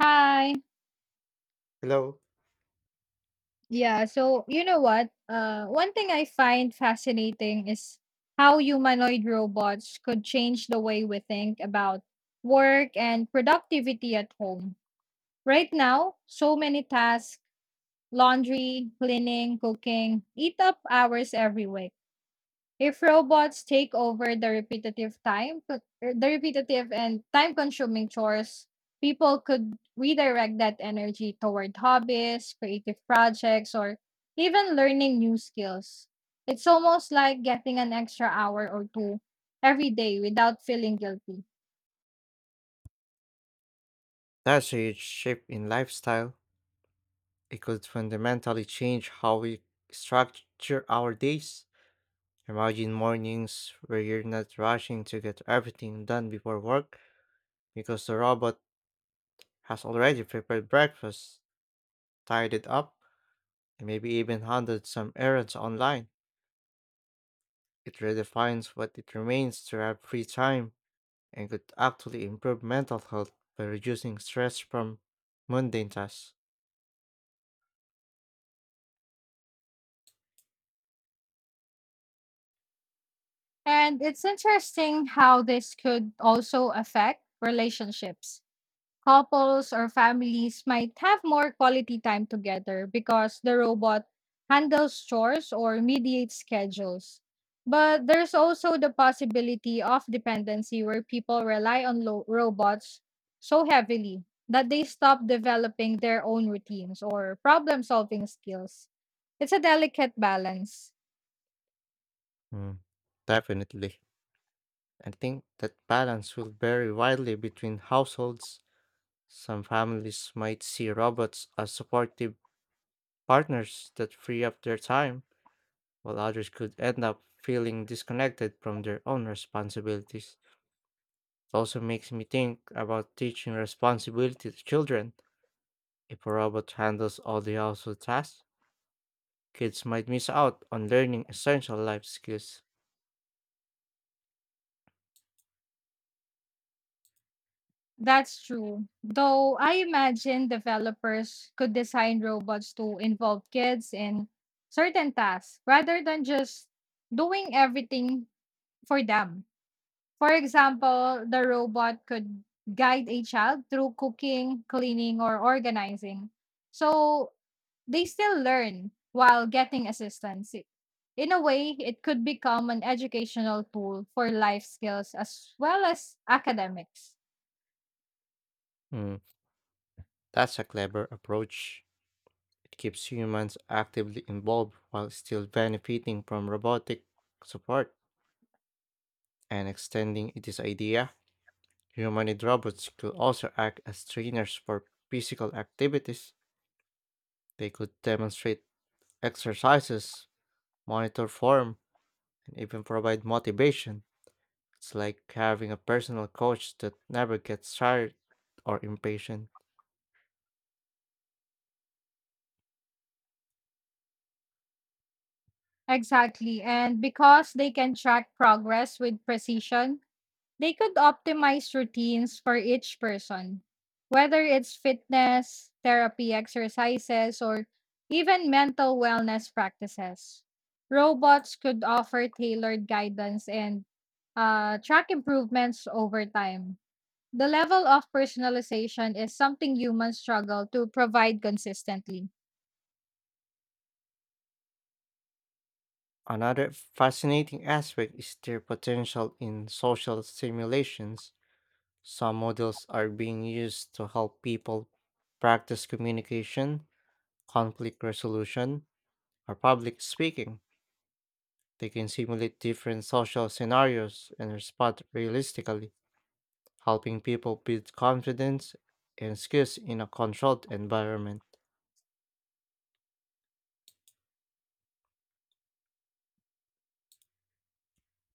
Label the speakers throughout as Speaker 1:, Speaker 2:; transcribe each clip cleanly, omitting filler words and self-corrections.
Speaker 1: Hi.
Speaker 2: Hello.
Speaker 1: Yeah, so you know what? One thing I find fascinating is how humanoid robots could change the way we think about work and productivity at home. Right now, so many tasks, laundry, cleaning, cooking, eat up hours every week. If robots take over the repetitive the repetitive and time-consuming chores, people could redirect that energy toward hobbies, creative projects, or even learning new skills. It's almost like getting an extra hour or two every day without feeling guilty.
Speaker 2: That's a huge shift in lifestyle. It could fundamentally change how we structure our days. Imagine mornings where you're not rushing to get everything done before work because the robot has already prepared breakfast, tied it up, and maybe even handled some errands online. It redefines what it remains to have free time and could actually improve mental health by reducing stress from mundane tasks.
Speaker 1: And it's interesting how this could also affect relationships couples or families might have more quality time together because the robot handles chores or mediates schedules. But there's also the possibility of dependency where people rely on robots so heavily that they stop developing their own routines or problem solving skills. It's a delicate balance.
Speaker 2: Mm, definitely. I think that balance will vary widely between households. Some families might see robots as supportive partners that free up their time, while others could end up feeling disconnected from their own responsibilities. It also makes me think about teaching responsibility to children. If a robot handles all the household tasks, kids might miss out on learning essential life skills.
Speaker 1: That's true. Though I imagine developers could design robots to involve kids in certain tasks rather than just doing everything for them. For example, the robot could guide a child through cooking, cleaning, or organizing. So they still learn while getting assistance. In a way, it could become an educational tool for life skills as well as academics.
Speaker 2: Hmm, that's a clever approach. It keeps humans actively involved while still benefiting from robotic support and extending this idea. Humanoid robots could also act as trainers for physical activities. They could demonstrate exercises, monitor form, and even provide motivation. It's like having a personal coach that never gets tired or impatient.
Speaker 1: Exactly. And because they can track progress with precision, they could optimize routines for each person, whether it's fitness, therapy exercises, or even mental wellness practices. Robots could offer tailored guidance and track improvements over time. The level of personalization is something humans struggle to provide consistently.
Speaker 2: Another fascinating aspect is their potential in social simulations. Some models are being used to help people practice communication, conflict resolution, or public speaking. They can simulate different social scenarios and respond realistically, helping people build confidence and skills in a controlled environment.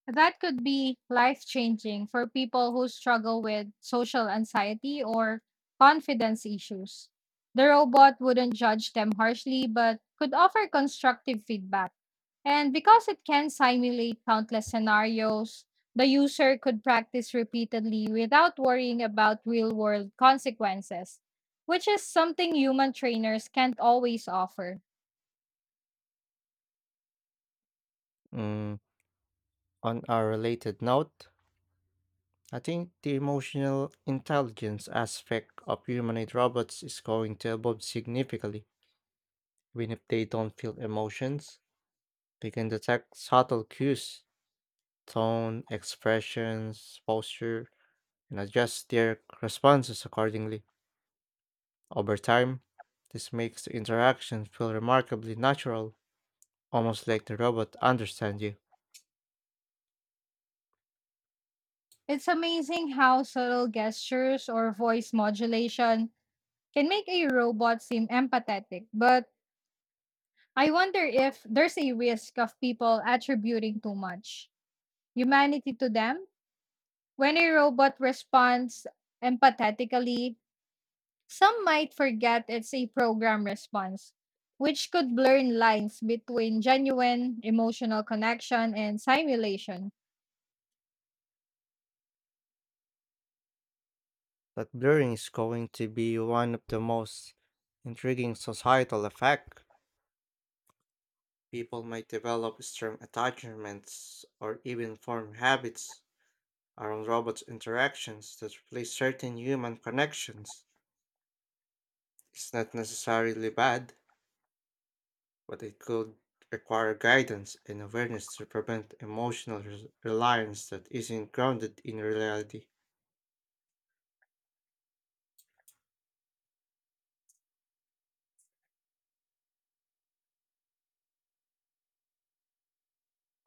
Speaker 1: That could be life changing for people who struggle with social anxiety or confidence issues. The robot wouldn't judge them harshly, but could offer constructive feedback. And because it can simulate countless scenarios, the user could practice repeatedly without worrying about real world consequences, which is something human trainers can't always offer.
Speaker 2: Mm, on a related note, I think the emotional intelligence aspect of humanoid robots is going to evolve significantly, even if they don't feel emotions. They can detect subtle cues, tone, expressions, posture, and adjust their responses accordingly. Over time, this makes the interaction feel remarkably natural, almost like the robot understands you.
Speaker 1: It's amazing how subtle gestures or voice modulation can make a robot seem empathetic, but I wonder if there's a risk of people attributing too much humanity to them. When a robot responds empathetically, some might forget it's a program response, which could blur lines between genuine emotional connection and simulation.
Speaker 2: That blurring is going to be one of the most intriguing societal effects. People might develop strong attachments or even form habits around robots' interactions that replace certain human connections. It's not necessarily bad, but it could require guidance and awareness to prevent emotional reliance that isn't grounded in reality.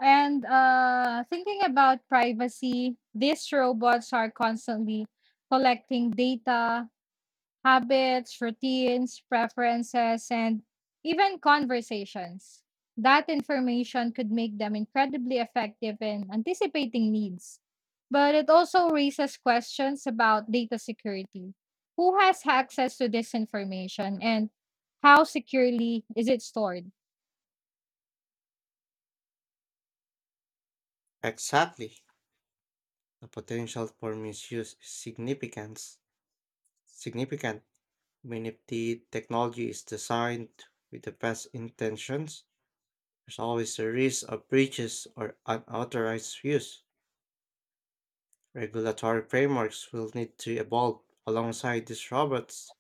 Speaker 1: And thinking about privacy, these robots are constantly collecting data, habits, routines, preferences, and even conversations. That information could make them incredibly effective in anticipating needs. But it also raises questions about data security. Who has access to this information and how securely is it stored?
Speaker 2: Exactly. The potential for misuse is significant. Significant. I mean, if the technology is designed with the best intentions, there's always a risk of breaches or unauthorized use. Regulatory frameworks will need to evolve alongside these robots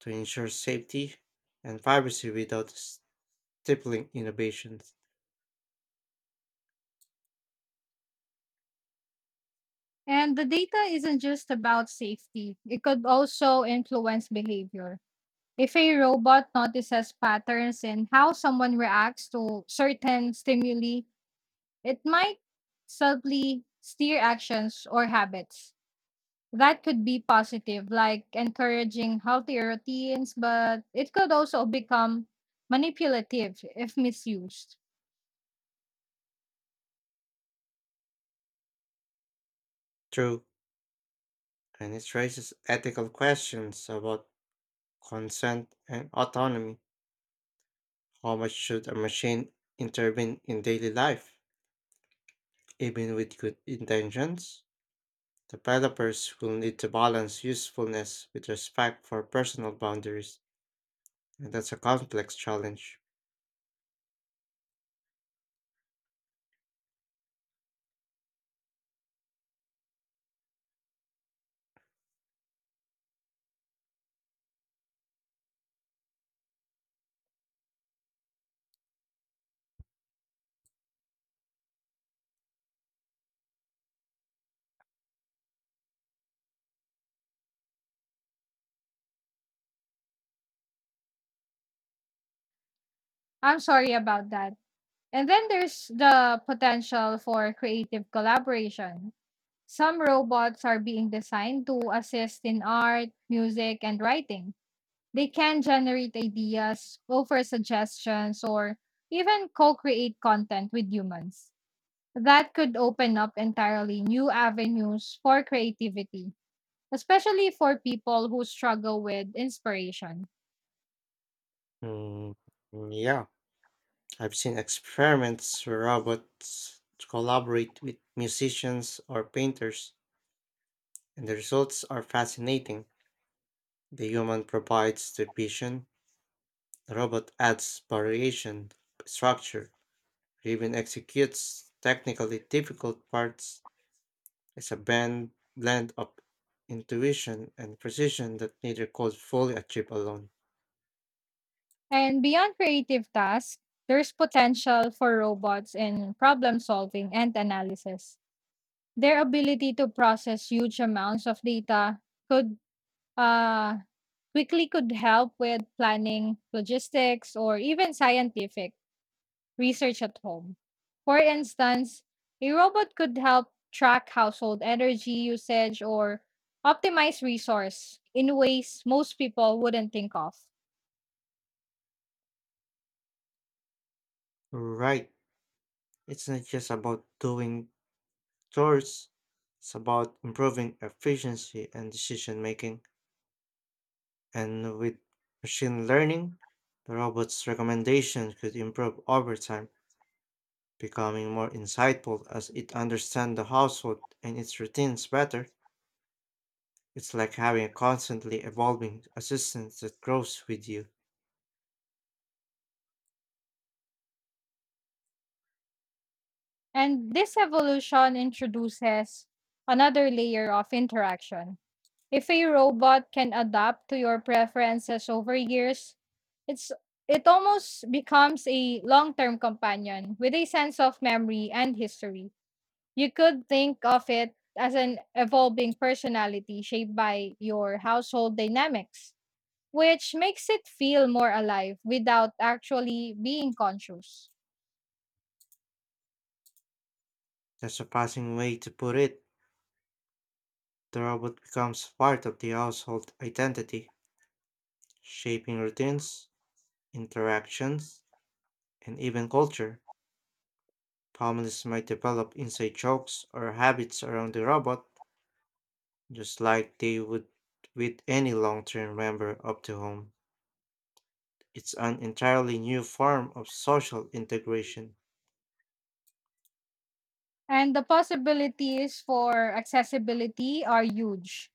Speaker 2: to ensure safety and privacy without stifling innovations.
Speaker 1: And the data isn't just about safety, it could also influence behavior. If a robot notices patterns in how someone reacts to certain stimuli, it might subtly steer actions or habits. That could be positive, like encouraging healthy routines, but it could also become manipulative if misused.
Speaker 2: True, and it raises ethical questions about consent and autonomy. How much should a machine intervene in daily life? Even with good intentions, developers will need to balance usefulness with respect for personal boundaries, and that's a complex challenge.
Speaker 1: I'm sorry about that. And then there's the potential for creative collaboration. Some robots are being designed to assist in art, music, and writing. They can generate ideas, offer suggestions, or even co create content with humans. That could open up entirely new avenues for creativity, especially for people who struggle with inspiration.
Speaker 2: Mm, yeah. I've seen experiments where robots collaborate with musicians or painters, and the results are fascinating. The human provides the vision, the robot adds variation, structure, or even executes technically difficult parts. It's a blend of intuition and precision that neither could fully achieve alone.
Speaker 1: And beyond creative tasks, there's potential for robots in problem solving and analysis. Their ability to process huge amounts of data could uh, weekly could help with planning, logistics, or even scientific research at home. For instance, a robot could help track household energy usage or optimize resource in ways most people wouldn't think of.
Speaker 2: Right, it's not just about doing Towards, It's about improving efficiency and decision making. And with machine learning, the robot's recommendations could improve over time, becoming more insightful as it understands the household and its routines better. It's like having a constantly evolving assistant that grows with you.
Speaker 1: And this evolution introduces another layer of interaction. If a robot can adapt to your preferences over years, it's it almost becomes a long-term companion with a sense of memory and history. You could think of it as an evolving personality shaped by your household dynamics, which makes it feel more alive without actually being conscious.
Speaker 2: That's a passing way to put it. The robot becomes part of the household identity, shaping routines, interactions, and even culture. Families might develop inside jokes or habits around the robot, just like they would with any long term member of the home. It's an entirely new form of social integration.
Speaker 1: And the possibilities for accessibility are huge.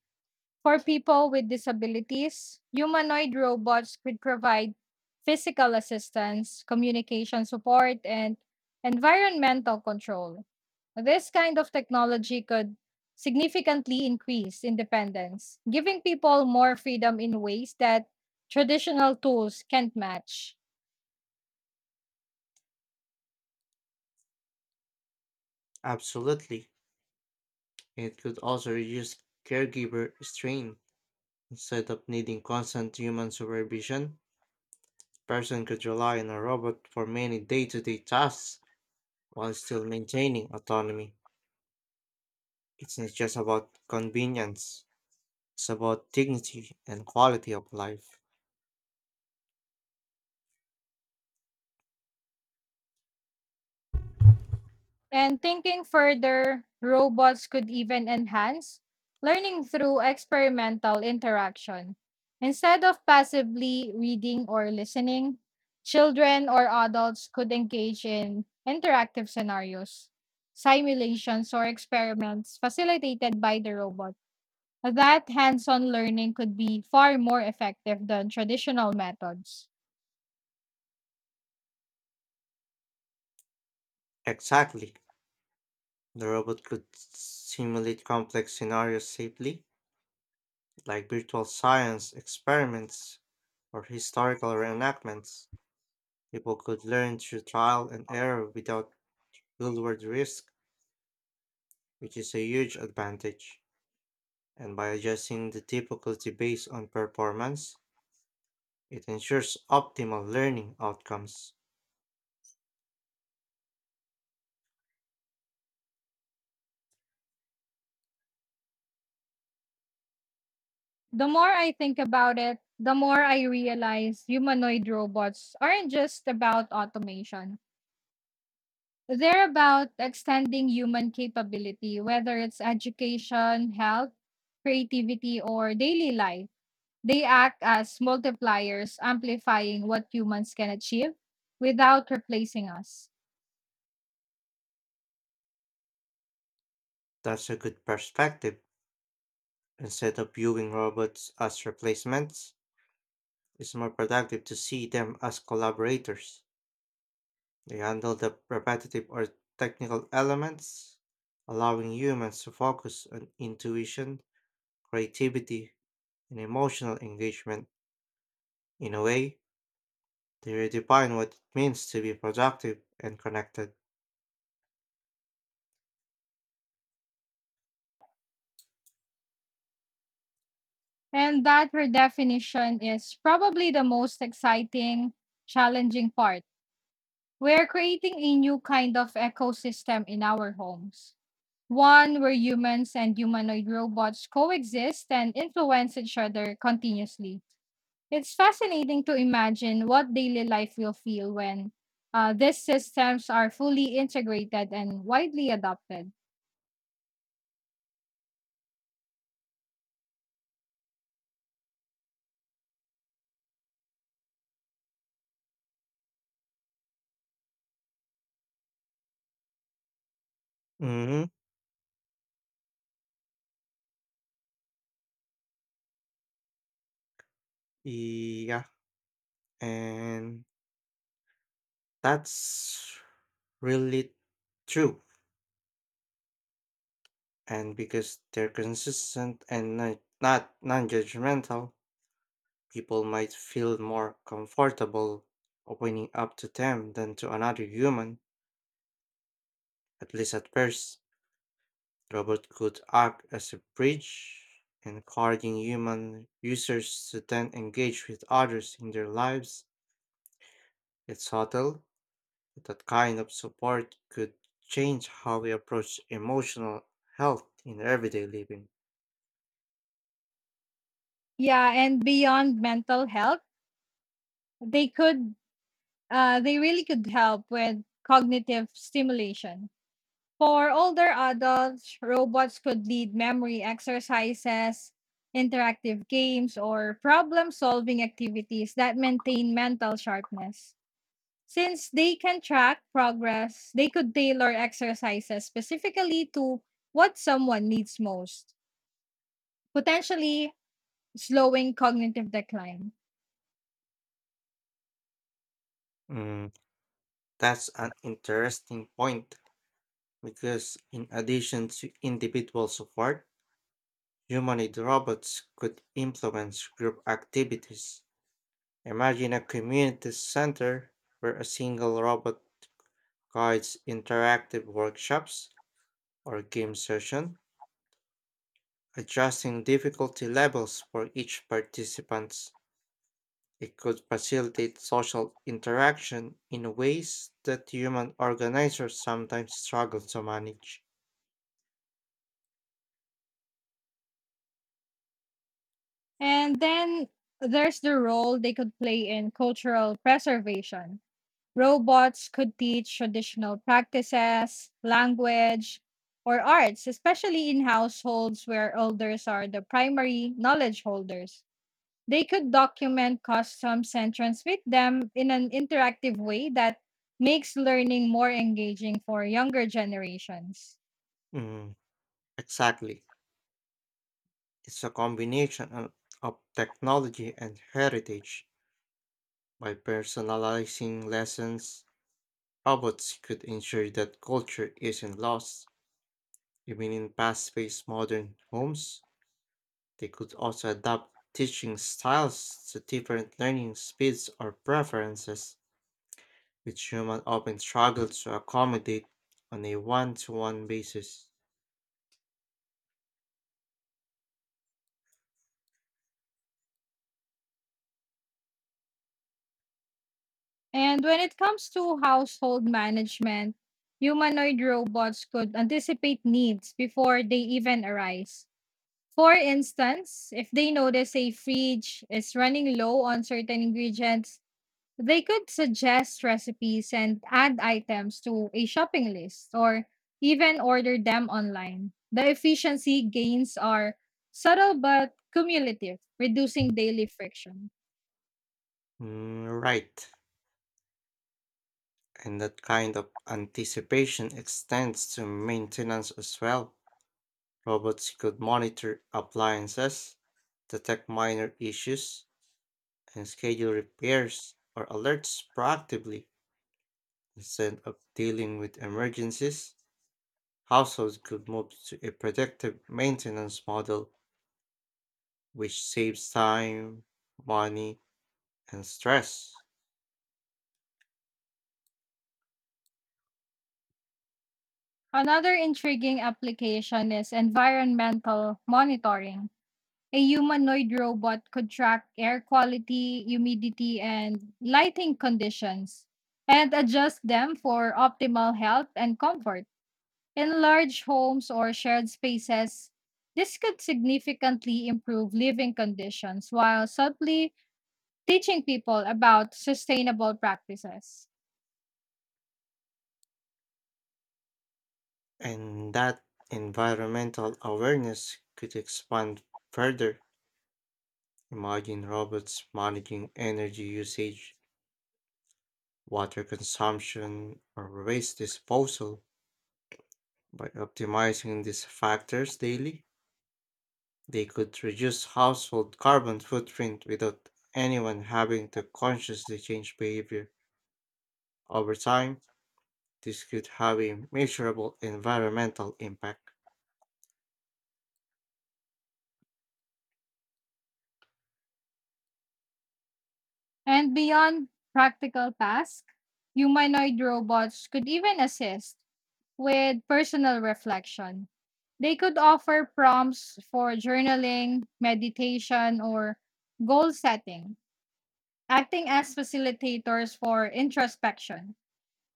Speaker 1: For people with disabilities, humanoid robots could provide physical assistance, communication support, and environmental control. This kind of technology could significantly increase independence, giving people more freedom in ways that traditional tools can't match.
Speaker 2: Absolutely. It could also reduce caregiver strain. Instead of needing constant human supervision, person could rely on a robot for many day to day tasks while still maintaining autonomy. It's not just about convenience. It's about dignity and quality of life.
Speaker 1: And thinking further, robots could even enhance learning through experimental interaction. Instead of passively reading or listening, children or adults could engage in interactive scenarios, simulations, or experiments facilitated by the robot. That hands on learning could be far more effective than traditional methods.
Speaker 2: Exactly. The robot could simulate complex scenarios safely, like virtual science experiments or historical reenactments. People could learn through trial and error without real-world risk, which is a huge advantage. And by adjusting the difficulty based on performance, it ensures optimal learning outcomes.
Speaker 1: The more I think about it, the more I realize humanoid robots aren't just about automation. They're about extending human capability, whether it's education, health, creativity, or daily life. They act as multipliers, amplifying what humans can achieve without replacing us.
Speaker 2: That's a good perspective. Instead of viewing robots as replacements, it's more productive to see them as collaborators. They handle the repetitive or technical elements, allowing humans to focus on intuition, creativity, and emotional engagement. In a way, they redefine what it means to be productive and connected.
Speaker 1: And that redefinition is probably the most exciting, challenging part. We're creating a new kind of ecosystem in our homes, one where humans and humanoid robots coexist and influence each other continuously. It's fascinating to imagine what daily life will feel when these systems are fully integrated and widely adopted.
Speaker 2: Hmm. Yeah, and that's really true. And because they're consistent and not non judgmental, people might feel more comfortable opening up to them than to another human, at least at first. Robot could act as a bridge, encouraging human users to then engage with others in their lives. It's subtle, but that kind of support could change how we approach emotional health in everyday living.
Speaker 1: Yeah, and beyond mental health, they could, they really could help with cognitive stimulation. For older adults, robots could lead memory exercises, interactive games, or problem solving activities that maintain mental sharpness. Since they can track progress, they could tailor exercises specifically to what someone needs most, potentially slowing cognitive decline.
Speaker 2: Mm, that's an interesting point because, in addition to individual support, humanoid robots could influence group activities. Imagine a community center where a single robot guides interactive workshops or game session, adjusting difficulty levels for each participant. It could facilitate social interaction in ways that human organizers sometimes struggle to manage.
Speaker 1: And then there's the role they could play in cultural preservation. Robots could teach traditional practices, language, or arts, especially in households where elders are the primary knowledge holders. They could document customs and transmit them in an interactive way that makes learning more engaging for younger generations.
Speaker 2: Mm, exactly. It's a combination of technology and heritage. By personalizing lessons, robots could ensure that culture isn't lost. Even in past based modern homes, they could also adapt teaching styles to different learning speeds or preferences, which humans often struggle to accommodate on a one to one basis.
Speaker 1: And when it comes to household management, humanoid robots could anticipate needs before they even arise. For instance, if they notice a fridge is running low on certain ingredients, they could suggest recipes and add items to a shopping list or even order them online. The efficiency gains are subtle but cumulative, reducing daily friction.
Speaker 2: Mm, right, and that kind of anticipation extends to maintenance as well. Robots could monitor appliances, detect minor issues, and schedule repairs or alerts proactively. Instead of dealing with emergencies, households could move to a predictive maintenance model, which saves time, money, and stress.
Speaker 1: Another intriguing application is environmental monitoring. A humanoid robot could track air quality, humidity, and lighting conditions and adjust them for optimal health and comfort. In large homes or shared spaces, this could significantly improve living conditions while subtly teaching people about sustainable practices.
Speaker 2: And that environmental awareness could expand further. Imagine robots managing energy usage, water consumption, or waste disposal. By optimizing these factors daily, they could reduce household carbon footprint without anyone having to consciously change behavior. Over time, this could have a measurable environmental impact.
Speaker 1: And beyond practical tasks, humanoid robots could even assist with personal reflection. They could offer prompts for journaling, meditation, or goal setting, acting as facilitators for introspection.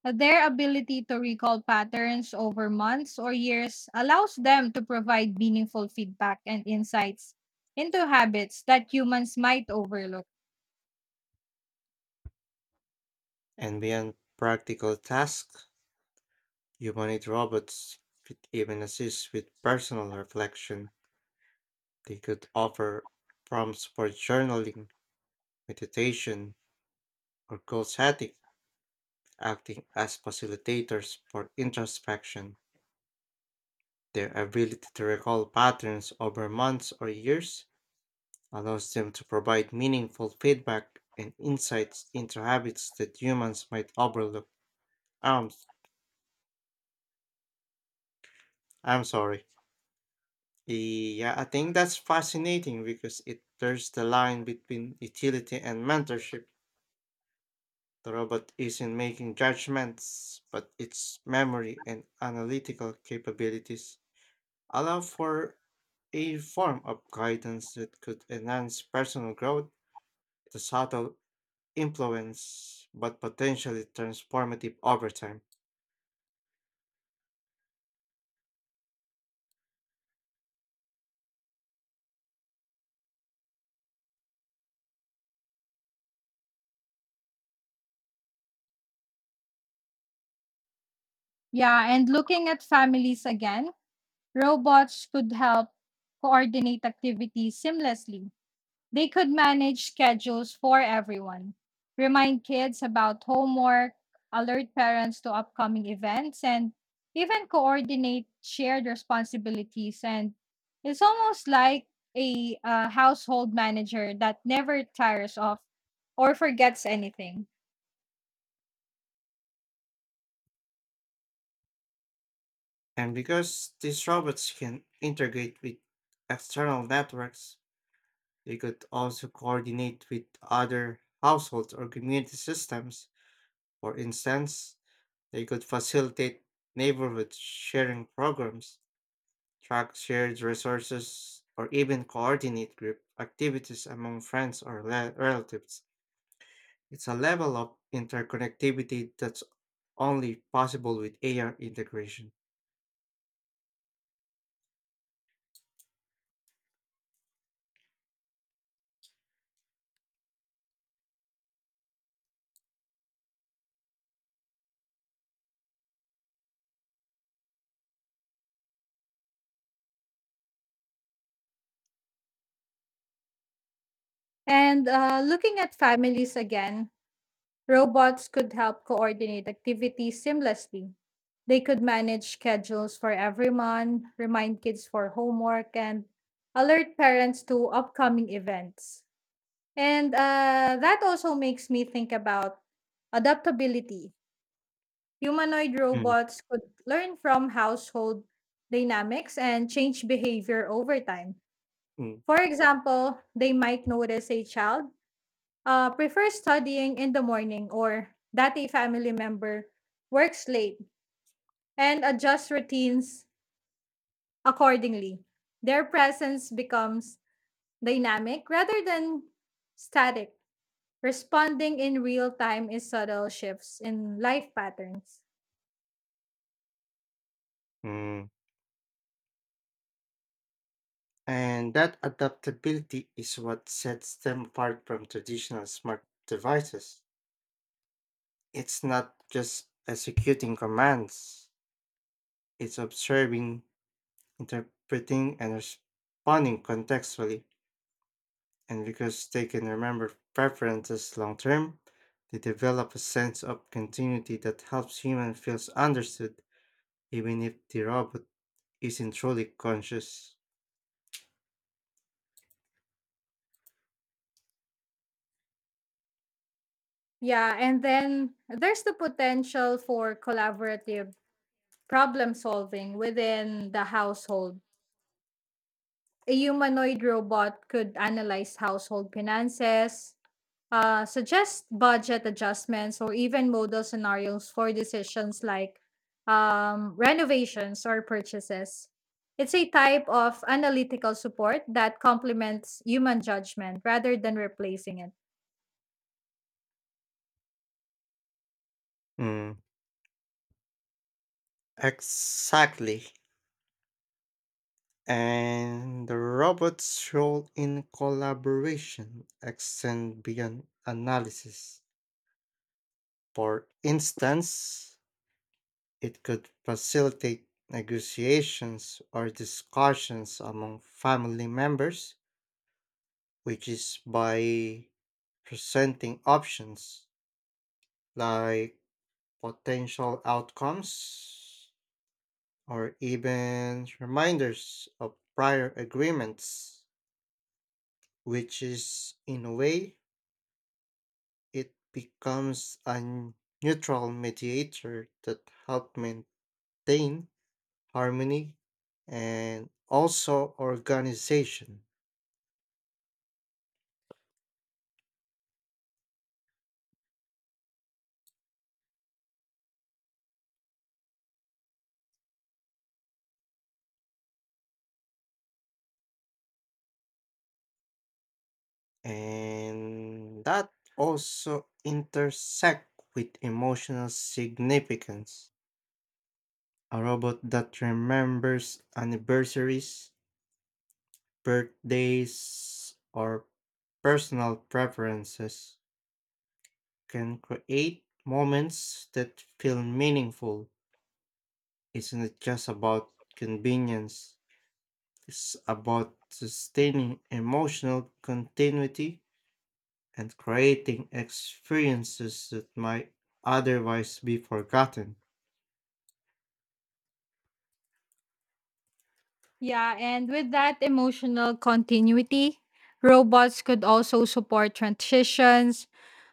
Speaker 1: Their ability to recall patterns over months or years allows them to provide meaningful feedback and insights into habits that humans might overlook.
Speaker 2: And beyond practical tasks, humanoid robots could even assist with personal reflection. They could offer prompts for journaling, meditation, or goal setting, acting as facilitators for introspection. Their ability to recall patterns over months or years allows them to provide meaningful feedback and insights into habits that humans might overlook. Um, I'm sorry. Yeah, I think that's fascinating because it blurs the line between utility and mentorship. The robot isn't making judgments, but its memory and analytical capabilities allow for a form of guidance that could enhance personal growth with a subtle influence but potentially transformative over time.
Speaker 1: Yeah, and looking at families again, robots could help coordinate activities seamlessly. They could manage schedules for everyone, remind kids about homework, alert parents to upcoming events, and even coordinate shared responsibilities. And it's almost like a household manager that never tires of or forgets anything.
Speaker 2: And because these robots can integrate with external networks, they could also coordinate with other households or community systems. For instance, they could facilitate neighborhood sharing programs, track shared resources, or even coordinate group activities among friends or relatives. It's a level of interconnectivity that's only possible with AI integration.
Speaker 1: And looking at families again, robots could help coordinate activities seamlessly. They could manage schedules for everyone, remind kids for homework, and alert parents to upcoming events. And that also makes me think about adaptability. Humanoid
Speaker 2: Mm,
Speaker 1: robots could learn from household dynamics and change behavior over time.
Speaker 2: mm,
Speaker 1: For example, they might notice a child prefer studying in the morning or that a family member works late and adjust routines accordingly. Their presence becomes dynamic rather than static. Responding in real time is subtle shifts in life patterns.
Speaker 2: mm. And that adaptability is what sets them apart from traditional smart devices. It's not just executing commands, it's observing, interpreting, and responding contextually. And because they can remember preferences long term, they develop a sense of continuity that helps humans feel understood, even if the robot isn't truly conscious.
Speaker 1: Yeah, and then there's the potential for collaborative problem solving within the household. A humanoid robot could analyze household finances, suggest budget adjustments or even model scenarios for decisions like renovations or purchases. It's a type of analytical support that complements human judgment rather than replacing it.
Speaker 2: Mm, exactly. And the robot's role in collaboration extends beyond analysis. For instance, it could facilitate negotiations or discussions among family members, which is by presenting options like potential outcomes or even reminders of prior agreements, which is, in a way, it becomes a neutral mediator that helps maintain harmony and also organization. And that also intersect with emotional significance. A robot that remembers anniversaries, birthdays, or personal preferences can create moments that feel meaningful. Isn't it just about convenience? It's about sustaining emotional continuity and creating experiences that might otherwise be forgotten.
Speaker 1: Yeah, and with that emotional continuity, robots could also support transitions.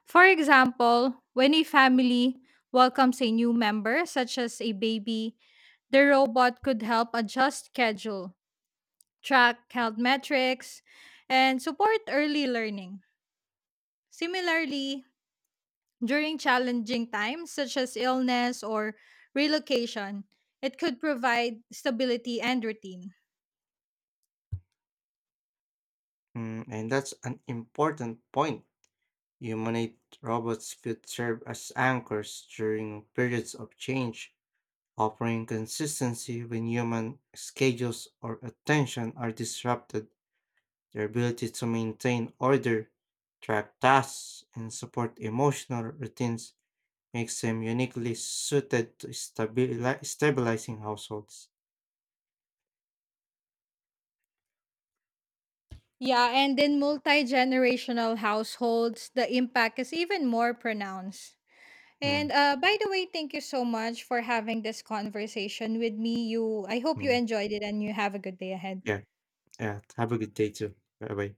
Speaker 1: For example, when a family welcomes a new member, such as a baby, the robot could help adjust schedule track health metrics, and support early learning. Similarly, during challenging times such as illness or relocation, it could provide stability and routine.
Speaker 2: Mm, and that's an important point. Humanoid robots could serve as anchors during periods of change, offering consistency when human schedules or attention are disrupted. Their ability to maintain order, track tasks, and support emotional routines makes them uniquely suited to stabilizing households.
Speaker 1: Yeah, and in multi generational households, the impact is even more pronounced. And
Speaker 2: Mm,
Speaker 1: by the way, thank you so much for having this conversation with me. You, I hope you
Speaker 2: mm.
Speaker 1: enjoyed it, and you have a good day ahead.
Speaker 2: Yeah, yeah. Have a good day too. Bye bye.